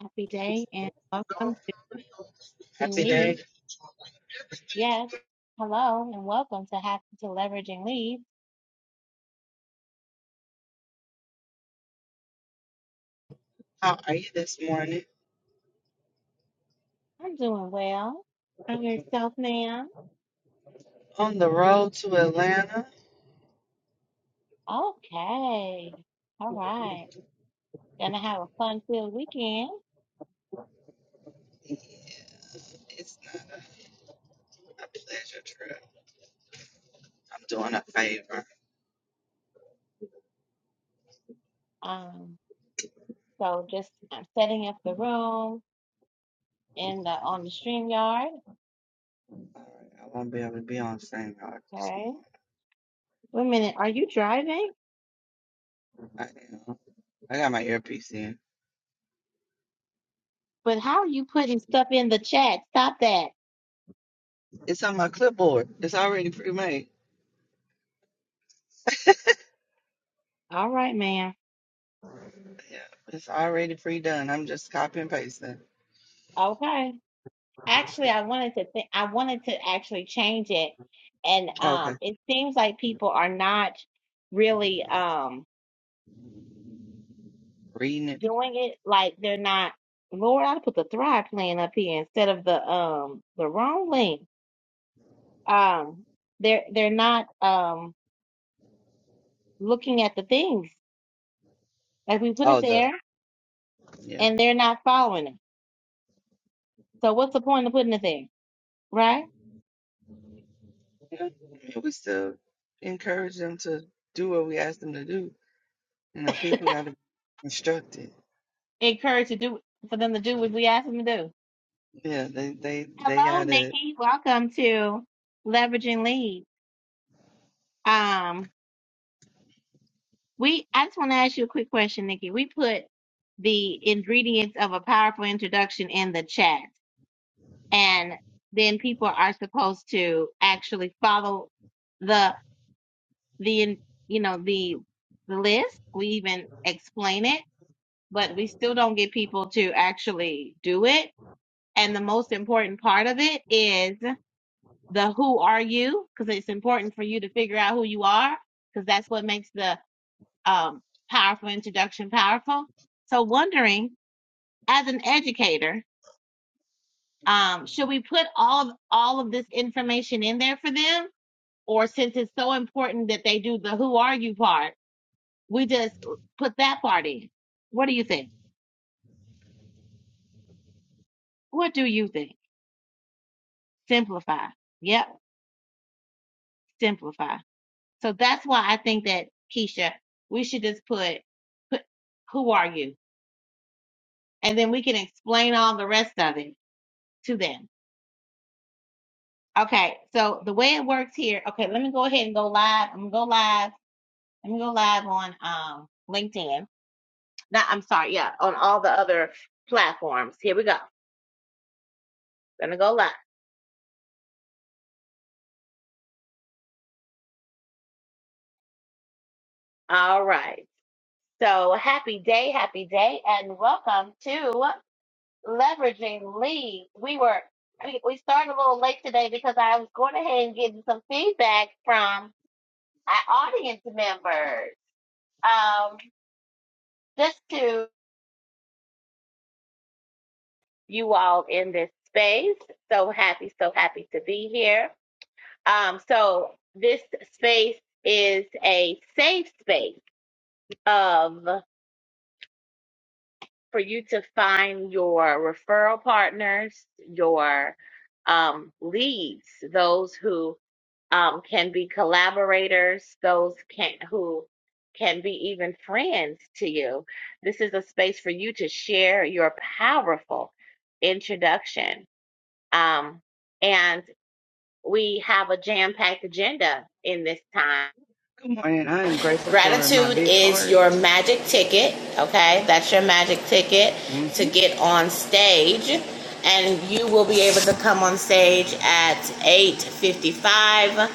Happy day and welcome to Leveraging Happy day. Lead. Yes, hello and welcome to Happy to Leveraging Lead. How are you this morning? I'm doing well. I'm yourself, ma'am. On the road to Atlanta. Okay. All right. Gonna have a fun-filled weekend. It's not a, a pleasure trip. I'm doing a favor. Um, so just I'm setting up the room in the on the Streamyard. All right, I won't be able to be on St. Hawk this Okay. Wait a minute, are you driving? morning. I am. I got my earpiece in. But how are you putting stuff in the chat? Stop that. It's on my clipboard. It's already pre-made. All right, ma'am. Yeah, it's already pre-done. I'm just copy and pasting. Okay. Actually, I wanted to think, I wanted to actually change it. And Okay. um, it seems like people are not really um Reading it. doing it. Like they're not, Lord, I put the Thrive plan up here instead of the um the wrong link. Um, they're they're not um looking at the things. Like we put it Oh, the there yeah. and they're not following it. So what's the point of putting it there? Right? yeah. I mean, we still encourage them to do what we ask them to do. You know, people got to be instructed. Encourage to do for them to do what we ask them to do. Yeah, they they they Hello, got it. Nikki. Welcome to Leveraging Leads. Um, we I just want to ask you a quick question, Nikki. We put the ingredients of a powerful introduction in the chat, and then people are supposed to actually follow the the in- you know the the list. We even explain it, but we still don't get people to actually do it. And the most important part of it is the who are you, because it's important for you to figure out who you are, because that's what makes the um, powerful introduction powerful so wondering as an educator um, should we put all of, all of this information in there for them or since it's so important that they do the who are you part we just put that part in what do you think what do you think simplify yep simplify so that's why i think that keisha we should just put put who are you and then we can explain all the rest of it to them Okay, so the way it works here, okay, let me go ahead and go live. I'm gonna go live. Let me go live on um LinkedIn. Not, I'm sorry, yeah, on all the other platforms. Here we go. Gonna go live. All right. So happy day, happy day, and welcome to Leveraging Leads. We were we we started a little late today because I was going ahead and getting some feedback from our audience members. Um, just to you all in this space. So happy, so happy to be here. Um, so this space is a safe space of for you to find your referral partners, your um, leads, those who um, can be collaborators, those can who can be even friends to you. This is a space for you to share your powerful introduction Um, and we have a jam packed agenda in this time. Good morning. I am grateful for my Gratitude big is heart. your magic ticket, okay? That's your magic ticket hmm to get on stage. And you will be able to come on stage at 8.55.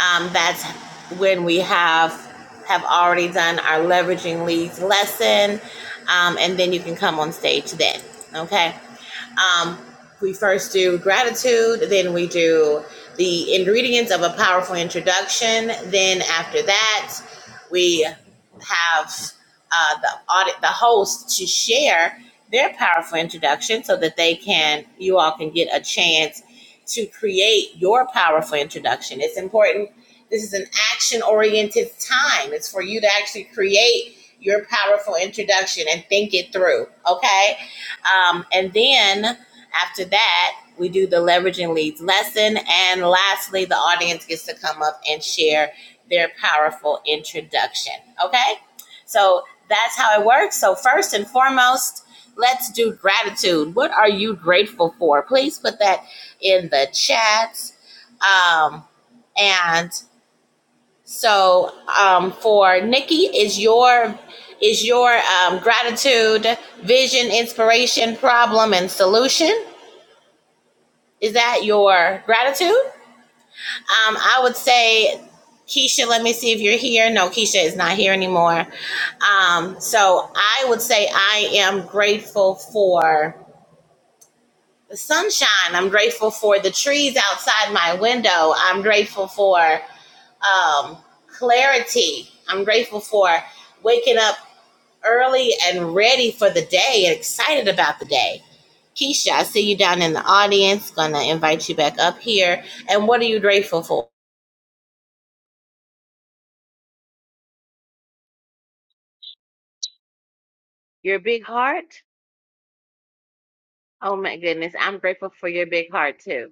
Um, that's when we have have already done our leveraging leads lesson. Um, and then you can come on stage then, okay? Um, we first do gratitude, then we do the ingredients of a Yeah. powerful introduction. Then after that, we have uh, the audit the host to share their powerful introduction so that they can you all can get a chance to create your powerful introduction it's important this is an action oriented time it's for you to actually create your powerful introduction and think it through okay um, and then after that we do the leveraging leads lesson and lastly the audience gets to come up and share their powerful introduction. Okay? So that's how it works. So, first and foremost, let's do gratitude. What are you grateful for? Please put that in the chat. Um, and so, um, for Nikki, is your is your um, gratitude, vision, inspiration, problem, and solution? Is that your gratitude? Um, I would say, Keisha, let me see if you're here. No, Keisha is not here anymore. Um, so I would say I am grateful for the sunshine. I'm grateful for the trees outside my window. I'm grateful for um, clarity. I'm grateful for waking up early and ready for the day and excited about the day. Keisha, I see you down in the audience. Gonna invite you back up here. And what are you grateful for? Your big heart? Oh my goodness. I'm grateful for your big heart too.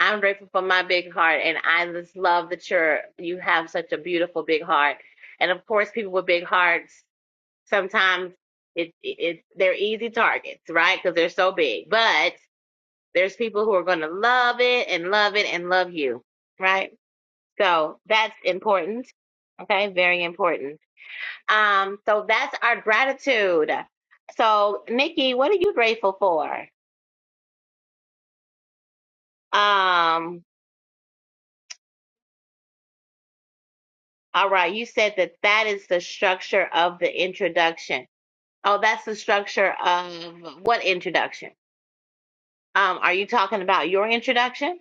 I'm grateful for my big heart and I just love that you're you have such a beautiful big heart. And of course people with big hearts sometimes it it they're easy targets, right? Because they're so big. But there's people who are gonna love it and love it and love you. Right? So that's important. Okay, very important. Um, so that's our gratitude. So Nikki, what are you grateful for? Um All right, you said that that is the structure of the introduction. Oh, that's the structure of what introduction? Um, are you talking about your introduction?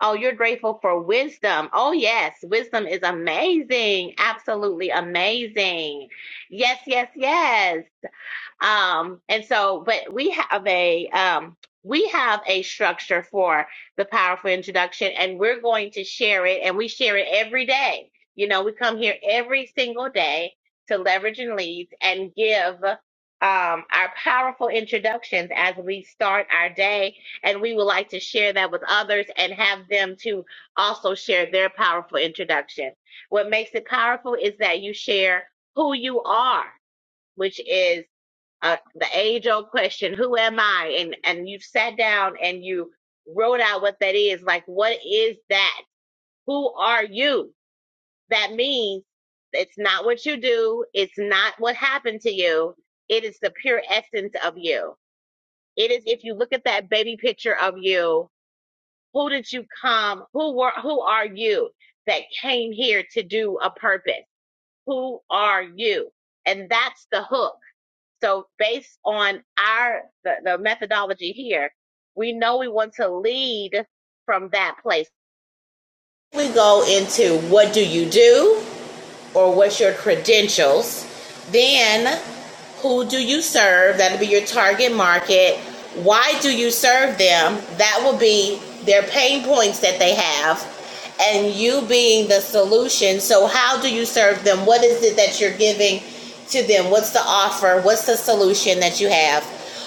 Oh, you're grateful for wisdom. Oh, yes, wisdom is amazing. Absolutely amazing. Yes, yes, yes. Um, and so, but we have a um, we have a structure for the powerful introduction, and we're going to share it, and we share it every day. You know, we come here every single day to leverage and lead and give um, our powerful introductions as we start our day, and we would like to share that with others and have them to also share their powerful introduction. What makes it powerful is that you share who you are, which is uh, the age old question, who am I? And and you sat down and you wrote out what that is. Like, what is that? Who are you? That means it's not what you do. It's not what happened to you. It is the pure essence of you. It is if you look at that baby picture of you, who did you come? Who were? Who are you that came here to do a purpose? Who are you? And that's the hook so based on our the, the methodology here, we know we want to lead from that place. We go into what do you do or what's your credentials? Then who do you serve? That'll be your target market. Why do you serve them? That will be their pain points that they have and you being the solution. So how do you serve them? What is it that you're giving to them what's the offer what's the solution that you have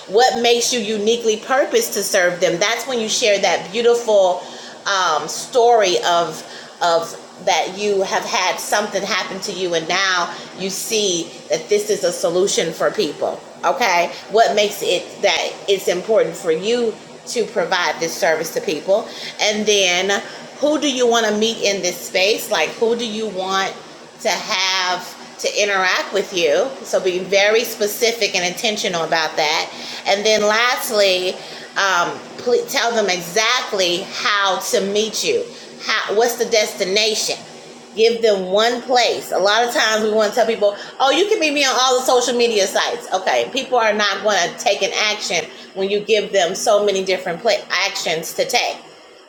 what makes you uniquely purposed to serve them that's when you share that beautiful um, story of of that you have had something happen to you and now you see that this is a solution for people okay what makes it that it's important for you to provide this service to people and then who do you want to meet in this space like who do you want to have to interact with you. So be very specific and intentional about that. And then lastly, um, ple tell them exactly how to meet you. How, what's the destination? Give them one place. A lot of times we want to tell people, oh, you can meet me on all the social media sites. Okay, people are not going to take an action when you give them so many different pla- actions to take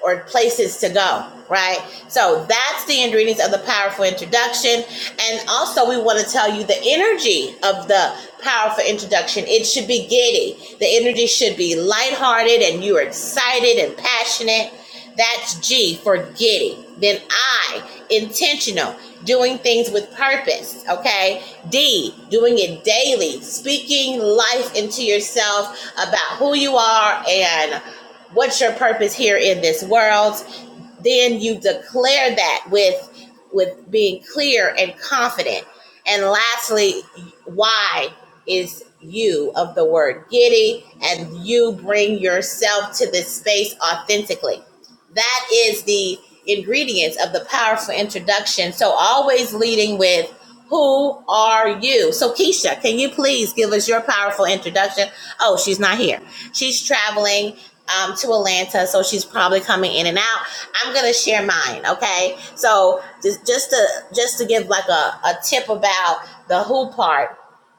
or places to go, right? So that's the ingredients of the powerful introduction. And also, we want to tell you the energy of the powerful introduction. It should be giddy, the energy should be lighthearted, and you're excited and passionate. That's G, forgetting. Then I, intentional, doing things with purpose, okay? D, doing it daily, speaking life into yourself about who you are and what's your purpose here in this world. Then you declare that with with being clear and confident. And lastly, Y is you of the word giddy and you bring yourself to this space authentically. That is the ingredients of the powerful introduction. So always leading with who are you? So Keisha, can you please give us your powerful introduction? Oh, she's not here. She's traveling um, to Atlanta, so she's probably coming in and out. I'm gonna share mine, okay? So just just to just to give like a, a tip about the who part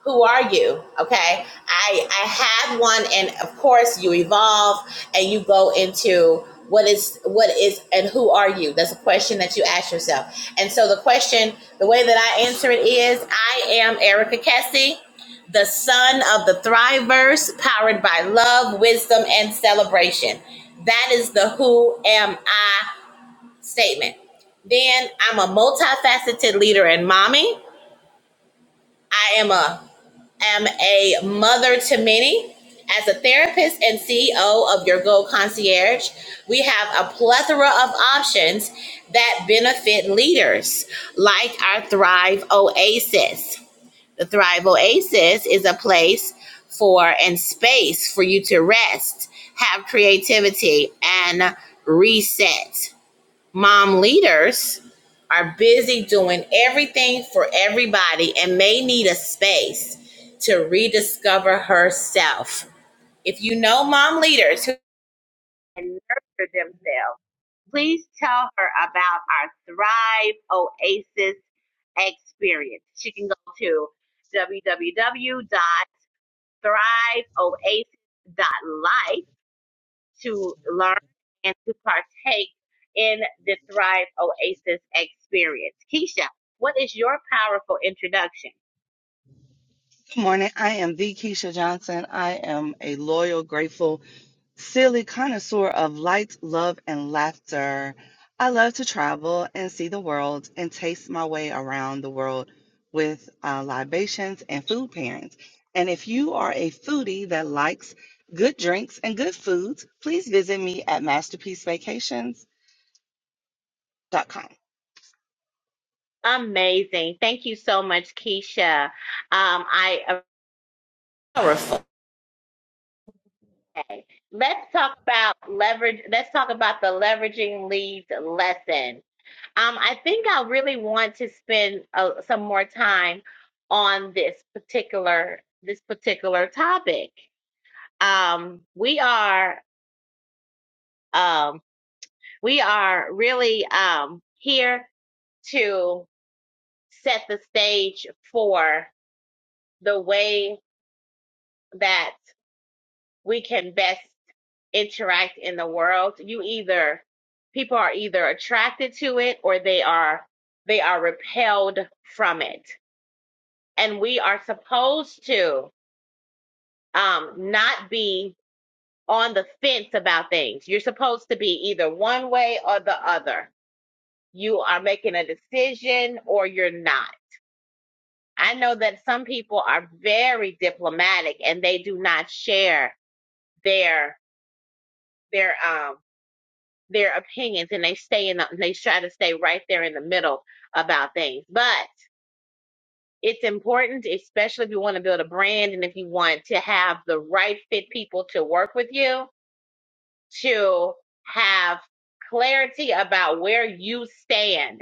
who are you okay i i had one and of course you evolve and you go into what is what is and who are you that's a question that you ask yourself and so the question the way that i answer it is i am erica kessie the son of the thrivers powered by love wisdom and celebration that is the who am i statement then i'm a multifaceted leader and mommy i am a am a mother to many. As a therapist and CEO of Your Goal Concierge, we have a plethora of options that benefit leaders, like our Thrive Oasis. The Thrive Oasis is a place for and space for you to rest, have creativity, and reset mom leaders are busy doing everything for everybody and may need a space to rediscover herself. If you know mom leaders who can nurture themselves, please tell her about our Thrive Oasis experience. She can go to www.thriveoasis.life to learn and to partake in the Thrive Oasis experience. Keisha, what is your powerful introduction? Good morning. I am the Keisha Johnson. I am a loyal, grateful, silly connoisseur of light, love, and laughter. I love to travel and see the world and taste my way around the world with uh, libations and food pairings. And if you are a foodie that likes good drinks and good foods, please visit me at masterpiecevacations.com. Amazing. Thank you so much, Keisha. Um, I powerful. Okay. Let's talk about leverage. Let's talk about the leveraging leads lesson. Um, I think I really want to spend uh, some more time on this particular this particular topic. Um, we are um, we are really um, here to set the stage for the way that we can best interact in the world. You either people are either attracted to it or they are they are repelled from it, and we are supposed to um, not be on the fence about things. You're supposed to be either one way or the other. You are making a decision or you're not I know that some people are very diplomatic and they do not share their their um their opinions and they stay in the, they try to stay right there in the middle about things. But it's important, especially if you want to build a brand and if you want to have the right fit people to work with you, to have clarity about where you stand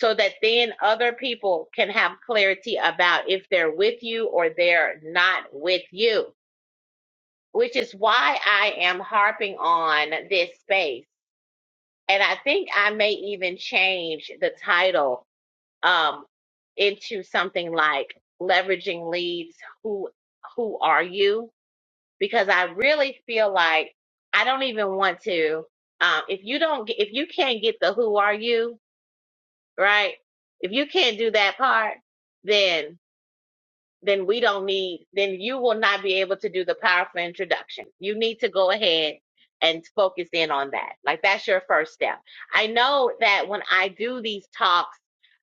so that then other people can have clarity about if they're with you or they're not with you which is why I am harping on this space. And I think I may even change the title um, into something like leveraging leads. Who who are you? Because I really feel like I don't even want to. Um, if you don't, get, if you can't get the who are you right, if you can't do that part, then then we don't need, then you will not be able to do the powerful introduction. You need to go ahead and focus in on that. Like that's your first step. I know that when I do these talks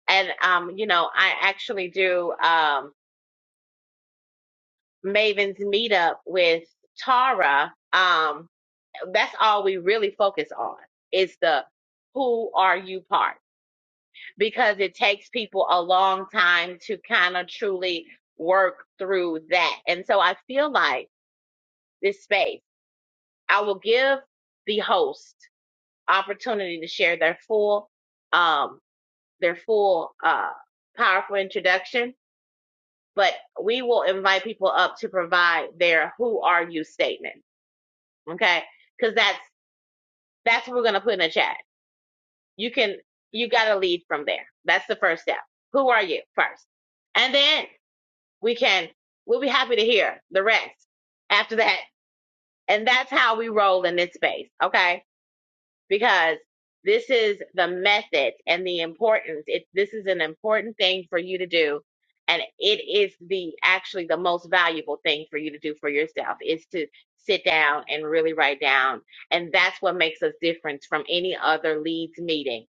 and, um, you know, I actually do, um, Maven's meetup with Tara, um, that's all we really focus on is the who are you part because it takes people a long time to kind of truly work through that. And so I feel like this space. I will give the host opportunity to share their full, um, their full, uh, powerful introduction, but we will invite people up to provide their who are you statement. Okay. Cause that's, that's what we're going to put in the chat. You can, you got to lead from there. That's the first step. Who are you first? And then we can, we'll be happy to hear the rest after that. And that's how we roll in this space. Okay because this is the method and the importance. It this is an important thing for you to do, and it is the actually the most valuable thing for you to do for yourself is to sit down and really write down, and that's what makes us different from any other leads meeting,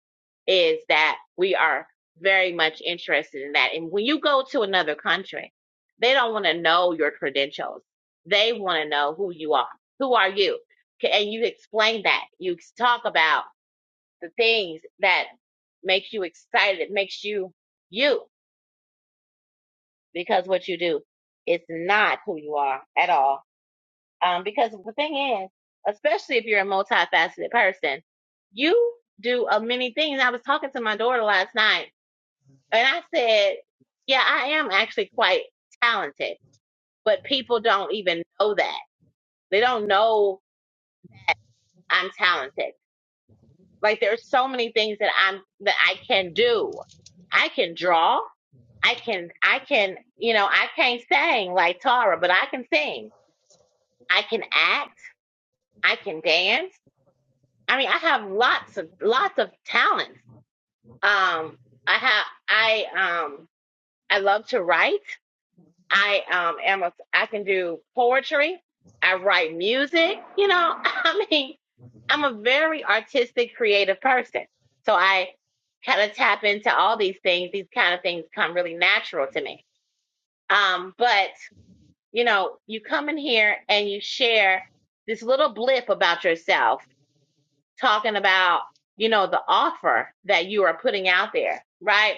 is that we are very much interested in that. And when you go to another country, they don't want to know your credentials. They want to know who you are. Who are you? K- and you explain that you talk about the things that makes you excited makes you you because what you do is not who you are at all um, because the thing is especially if you're a multifaceted person you do a many things i was talking to my daughter last night and i said yeah i am actually quite talented but people don't even know that they don't know i'm talented Like there's so many things that I'm that I can do. I can draw. I can I can you know I can't sing like Tara, but I can sing. I can act. I can dance. I mean, I have lots of lots of talents. Um, I have I um I love to write. I um am a I can do poetry. I write music. You know, I mean, I'm a very artistic, creative person. So I kind of tap into all these things. These kind of things come really natural to me. Um, but you know, you come in here and you share this little blip about yourself, talking about you know the offer that you are putting out there, right?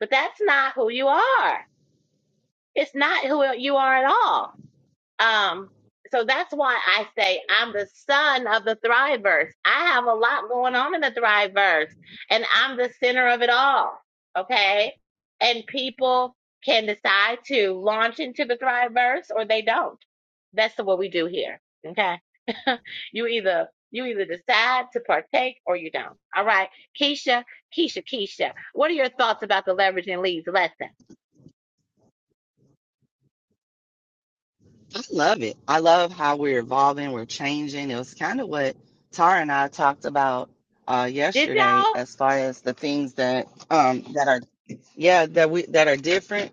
But that's not who you are. It's not who you are at all um, so that's why I say I'm the son of the Thriveverse. I have a lot going on in the Thriveverse, and I'm the center of it all. Okay, and people can decide to launch into the Thriveverse or they don't. That's what we do here. Okay, you either you either decide to partake or you don't. All right, Keisha, Keisha, Keisha. What are your thoughts about the leveraging leads lesson? I love it. I love how we're evolving, we're changing. It was kind of what Tara and I talked about uh, Did yesterday, y'all? as far as the things that um, that are yeah that we that are different,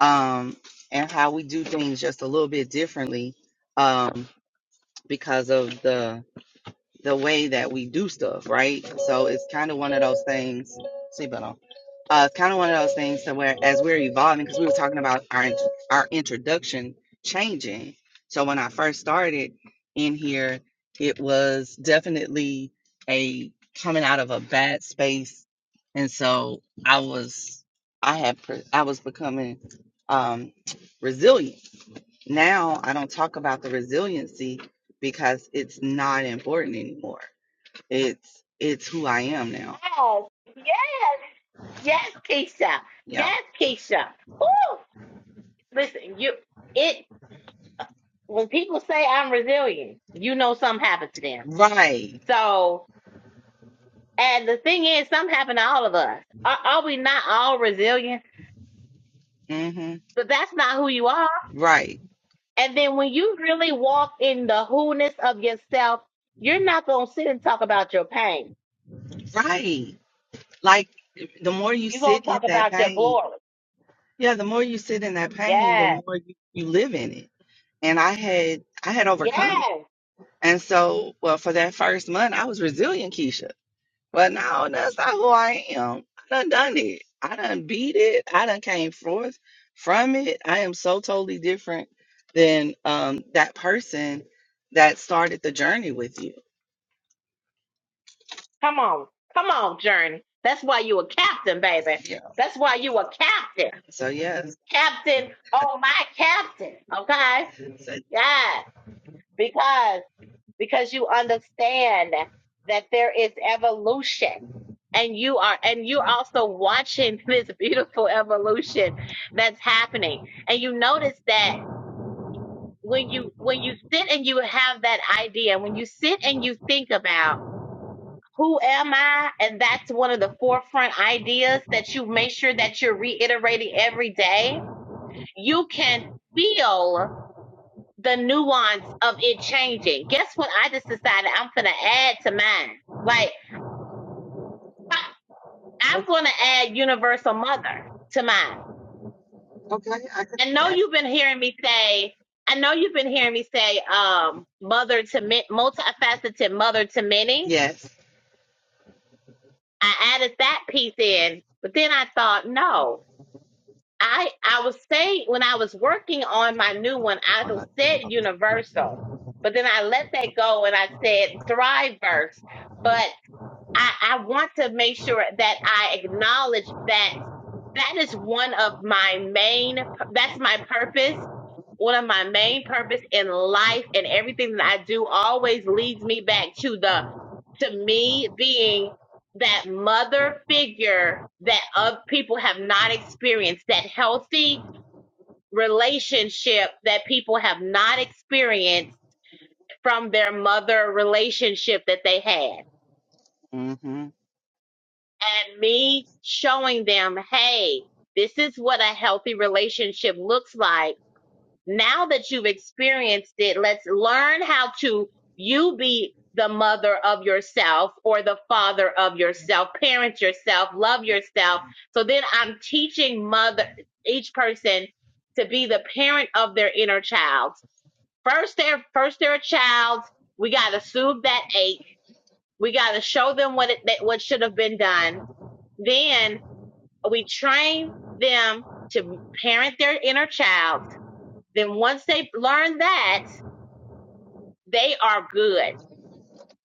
um, and how we do things just a little bit differently um, because of the the way that we do stuff, right? So it's kind of one of those things. Seatbelt on. Uh, it's kind of one of those things to where as we're evolving, because we were talking about our int- our introduction changing. So when I first started in here, it was definitely a coming out of a bad space, and so I was I had pre- I was becoming um, resilient. Now I don't talk about the resiliency because it's not important anymore it's it's who I am now. Yes, yes, yes, Keisha. Yeah. Yes, Keisha. Ooh, listen, you it when people say I'm resilient, you know something happened to them. Right. So, and the thing is, something happened to all of us. Are, are we not all resilient? hmm But that's not who you are. Right. And then when you really walk in the who-ness of yourself, you're not gonna sit and talk about your pain. Right. Like the more you You're gonna sit in talk that about your pain, glory. yeah, the more you sit in that pain, the Yes, more you, you live in it. And I had I had overcome it. yes. And so, well, for that first month, I was resilient, Keisha. But no, that's not who I am. I done done it. I done beat it. I done came forth from it. I am so totally different than um that person that started the journey with you. Come on. Come on, Journey. That's why you a captain, baby. Yeah. That's why you a captain. So yes. Captain, oh my captain. Okay? So, Yes. Because because you understand that there is evolution. And you are and you're also watching this beautiful evolution that's happening. And you notice that when you when you sit and you have that idea, when you sit and you think about Who am I? And that's one of the forefront ideas that you make sure that you're reiterating every day. You can feel the nuance of it changing. Guess what? I just decided I'm going to add to mine. Like, I- I'm what's going to add Universal Mother to mine. I know that? you've been hearing me say, I know you've been hearing me say, um, mother to mi- multifaceted mother to many. Yes. I added that piece in, but then I thought, no, I I was saying when I was working on my new one, I was- said Universal, but then I let that go and I said Thriveverse. But I, I want to make sure that I acknowledge that that is one of my main, that's my purpose. One of my main purpose in life and everything that I do always leads me back to the, to me being that mother figure that other people have not experienced, that healthy relationship that people have not experienced from their mother relationship that they had Mm-hmm. and me showing them, hey, this is what a healthy relationship looks like. Now that you've experienced it, let's learn how to you be the mother of yourself or the father of yourself, parent yourself, love yourself. So then I'm teaching mother each person to be the parent of their inner child. First they're first they're a child. We gotta soothe that ache. We gotta show them what it that, what should have been done. Then we train them to parent their inner child. Then once they learn that, they are good.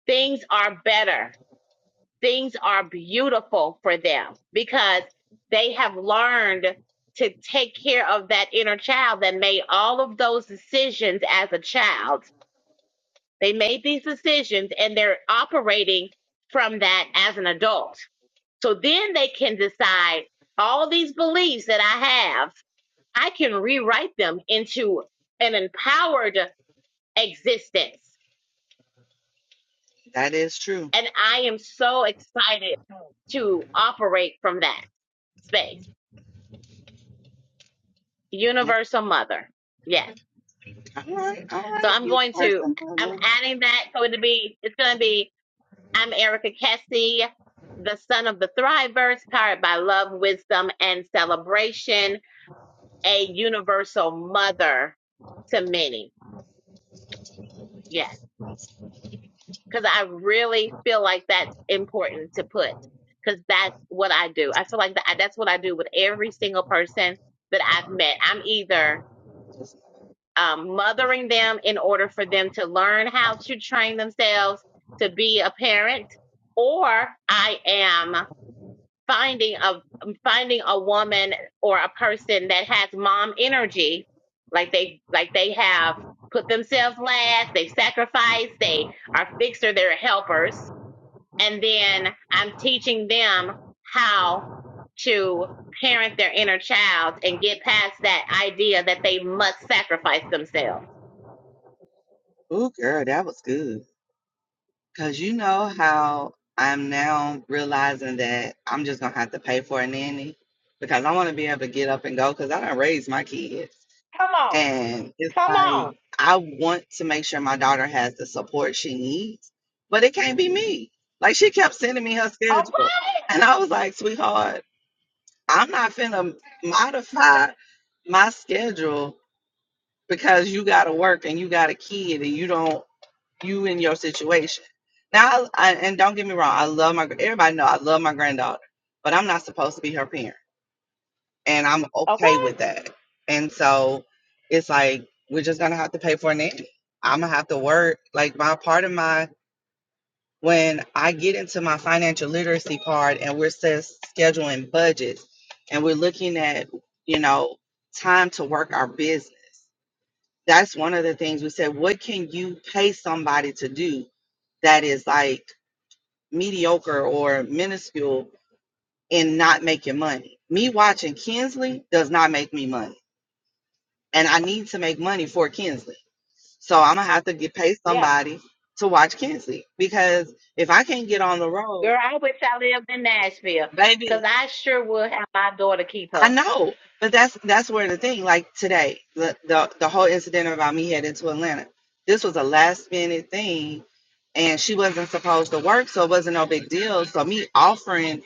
Things are better. Things are beautiful for them because they have learned to take care of that inner child that made all of those decisions as a child. They made these decisions and they're operating from that as an adult. So then they can decide all these beliefs that I have I can rewrite them into an empowered existence. That is true. And I am so excited to operate from that space. Yep. Universal Mother. Yes. All right, all So right, I'm going universe. to, I'm adding that. So it'll be, it's going to be, I'm Erica Kessie, the son of the Thrivers, powered by love, wisdom, and celebration, a universal mother to many. Yes. because I really feel like that's important to put because that's what I do. I feel like that, that's what I do with every single person that I've met. I'm either um, mothering them in order for them to learn how to train themselves to be a parent, or I am finding a um, finding a woman or a person that has mom energy, like they like they have put themselves last, they sacrifice, they are fixer, they're helpers and then I'm teaching them how to parent their inner child and get past that idea that they must sacrifice themselves. Ooh, girl, that was good. Cause you know how I'm now realizing that I'm just gonna have to pay for a nanny because I want to be able to get up and go because I don't raise my kids. Come on. And it's Come on. like I want to make sure my daughter has the support she needs, but it can't be me. Like she kept sending me her schedule. Okay, And I was like, sweetheart, I'm not finna modify my schedule because you gotta work and you got a kid and you don't you in your situation. Now, I, I, and don't get me wrong, I love my everybody know I love my granddaughter, but I'm not supposed to be her parent, and I'm okay okay, with that. And so, it's like we're just gonna have to pay for a nanny. I'm gonna have to work. Like my part of my when I get into my financial literacy part, and we're ses- scheduling budgets, and we're looking at you know time to work our business. That's one of the things we said. What can you pay somebody to do that is like mediocre or minuscule in not making money. Me watching Kinsley does not make me money. And I need to make money for Kinsley. So I'm gonna have to get pay yeah, somebody to watch Kinsley because if I can't get on the road, girl. I wish I lived in Nashville because baby, I sure would have my daughter keep I her. know. But that's that's where the thing, like today, the the, the whole incident about me heading to Atlanta. This was a last minute thing and she wasn't supposed to work, so it wasn't no big deal. So me offering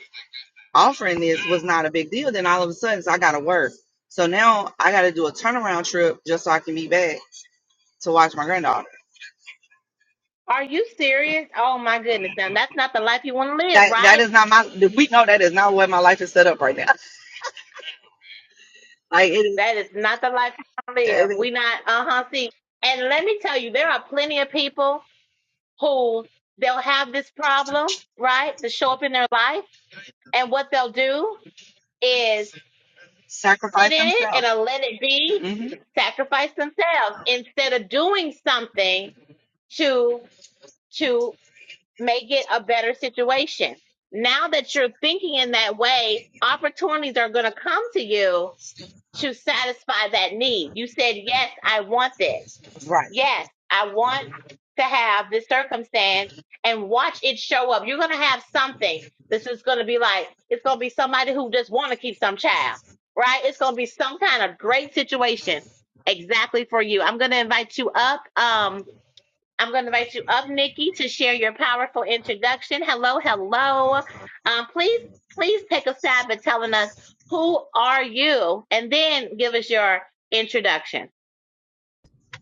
offering this was not a big deal. Then all of a sudden, so I got to work. So now I got to do a turnaround trip just so I can be back to watch my granddaughter. Are you serious? Oh my goodness! Now that's not the life you want to live, That that right? is not my. We know that is not the way my life is set up right now. Like it is, That is not the life you want to live. it is We not uh huh. See, and let me tell you, there are plenty of people. who they'll have this problem, right? To show up in their life. And what they'll do is sit sacrifice in it himself. and uh, let it be, hmm sacrifice themselves instead of doing something to to make it a better situation. Now that you're thinking in that way, opportunities are going to come to you to satisfy that need. You said, "Yes, I want this." Right. yes, I want to have this circumstance and watch it show up. You're gonna have something. This is gonna be like it's gonna be somebody who just want to keep some child, right? It's gonna be some kind of great situation exactly for you. I'm gonna invite you up. Um, I'm gonna invite you up, Nikki, to share your powerful introduction. Hello, hello. Um, please, please take a stab at telling us who are you, and then give us your introduction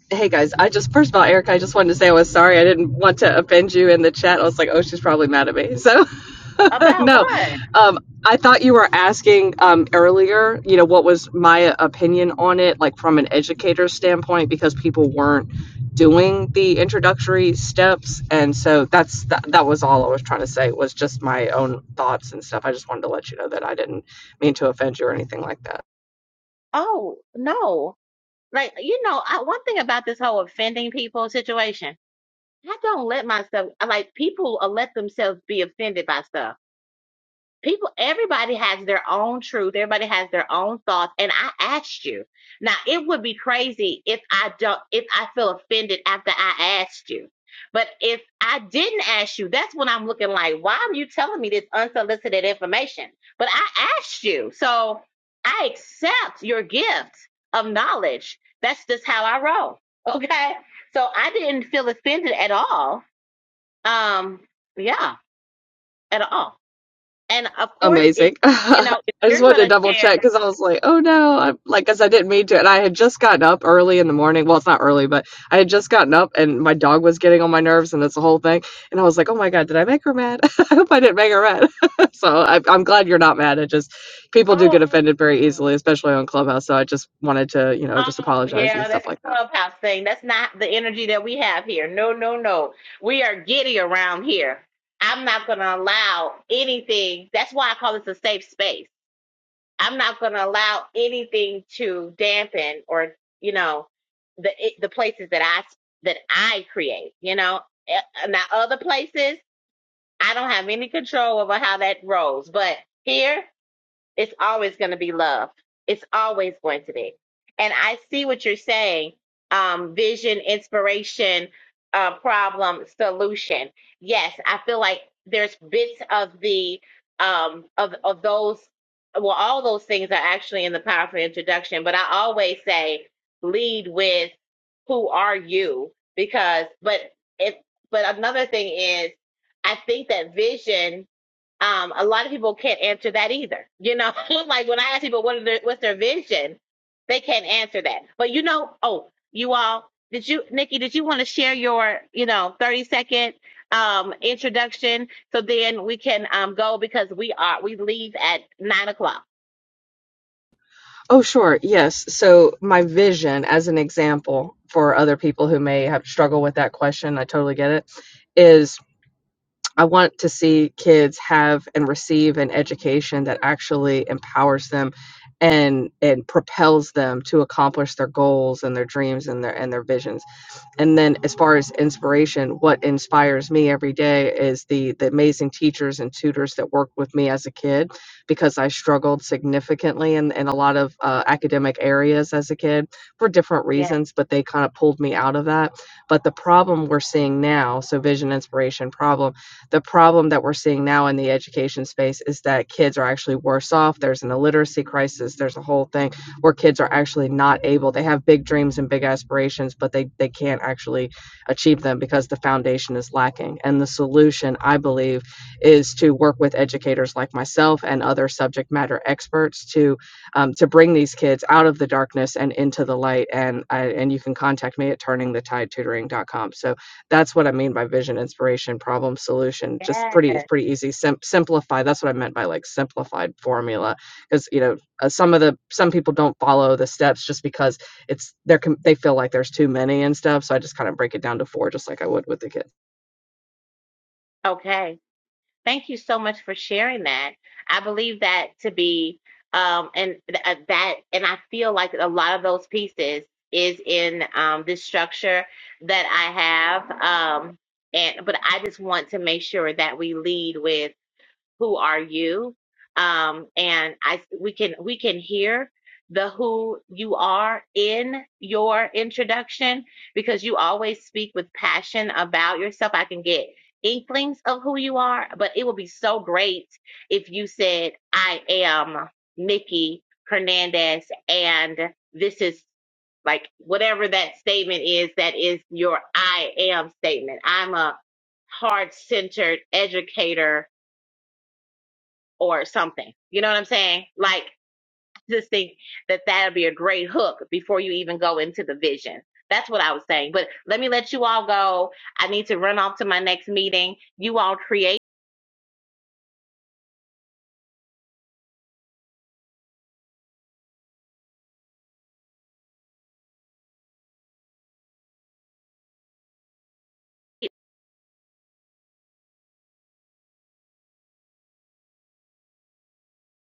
Hey guys, I just first of all, Eric, I just wanted to say I was sorry. I didn't want to offend you in the chat. I was like, oh, she's probably mad at me. So, about no, what. um, I thought you were asking um, earlier. You know, what was my opinion on it, like from an educator standpoint, because people weren't doing the introductory steps, and so that's that, that was all I was trying to say was just my own thoughts and stuff. I just wanted to let you know that I didn't mean to offend you or anything like that. Oh, no. Like, you know, I, one thing about this whole offending people situation, I don't let myself, I like, people uh, let themselves be offended by stuff people everybody has their own truth everybody has their own thoughts and i asked you now it would be crazy if i don't if i feel offended after i asked you but if i didn't ask you that's when i'm looking like why are you telling me this unsolicited information but i asked you so i accept your gift of knowledge that's just how i roll okay so i didn't feel offended at all um yeah at all and of course, if Amazing. you know, if I just you're wanted to gonna double check share, because I was like, oh no, I'm like, because I didn't mean to. And I had just gotten up early in the morning. Well, it's not early, but I had just gotten up and my dog was getting on my nerves and that's the whole thing. And I was like, oh my God, did I make her mad? I hope I didn't make her mad. so I, I'm glad you're not mad. It just, people do oh, get oh, offended very easily, especially on Clubhouse. So I just wanted to, you know, yeah. just oh, apologize and yeah, stuff that's a like that. clubhouse thing. That's not the energy that we have here. No, no, no. We are giddy around here. I'm not gonna allow anything. That's why I call this a safe space. I'm not gonna allow anything to dampen or you know the the places that I that I create. You know, Eh, now other places I don't have any control over how that rolls, but here. It's always going to be love. It's always going to be. And I see what you're saying. Um, vision, inspiration, uh, problem, solution. Yes, I feel like there's bits of the um of of those. Well, all those things are actually in the powerful introduction. But I always say lead with who are you because but if but another thing is I think that vision um, a lot of people can't answer that either. You know, like when I ask people what are their, what's their vision, they can't answer that. But you know, oh, you all, did you, Nikki, did you want to share your, you know, 30 second um introduction so then we can um go because we are we leave at nine o'clock. Oh, sure. Yes. So, my vision, as an example for other people who may have struggled with that question, I totally get it, is I want to see kids have and receive an education that actually empowers them and and propels them to accomplish their goals and their dreams and their and their visions and then as far as inspiration what inspires me every day is the the amazing teachers and tutors that worked with me as a kid because i struggled significantly in, in a lot of uh, academic areas as a kid for different Yes. reasons but they kind of pulled me out of that but the problem we're seeing now so vision inspiration problem the problem that we're seeing now in the education space is that kids are actually worse off there's an illiteracy crisis there's a whole thing where kids are actually not able they have big dreams and big aspirations but they they can't actually achieve them because the foundation is lacking and the solution i believe is to work with educators like myself and other subject matter experts to um, to bring these kids out of the darkness and into the light and I, and you can contact me at turning the tide tutoring dot com. so that's what i mean by vision inspiration problem solution just Yes. pretty it's pretty easy Sim- simplify that's what i meant by like simplified formula because you know uh, some of the some people don't follow the steps just because it's they're they feel like there's too many and stuff so i just kind of break it down to four just like i would with the kids Okay. Thank you so much for sharing that. I believe that to be um and th- uh, that and I feel like a lot of those pieces is in um this structure that I have um and but I just want to make sure that we lead with who are you um and i we can we can hear the who you are in your introduction because you always speak with passion about yourself i can get inklings of who you are but it would be so great if you said i am nikki hernandez and this is like whatever that statement is that is your i am statement i'm a heart centered educator or something. You know what I'm saying? Like, just think that that'll be a great hook before you even go into the vision. That's what I was saying. But let me let you all go. I need to run off to my next meeting. You all create.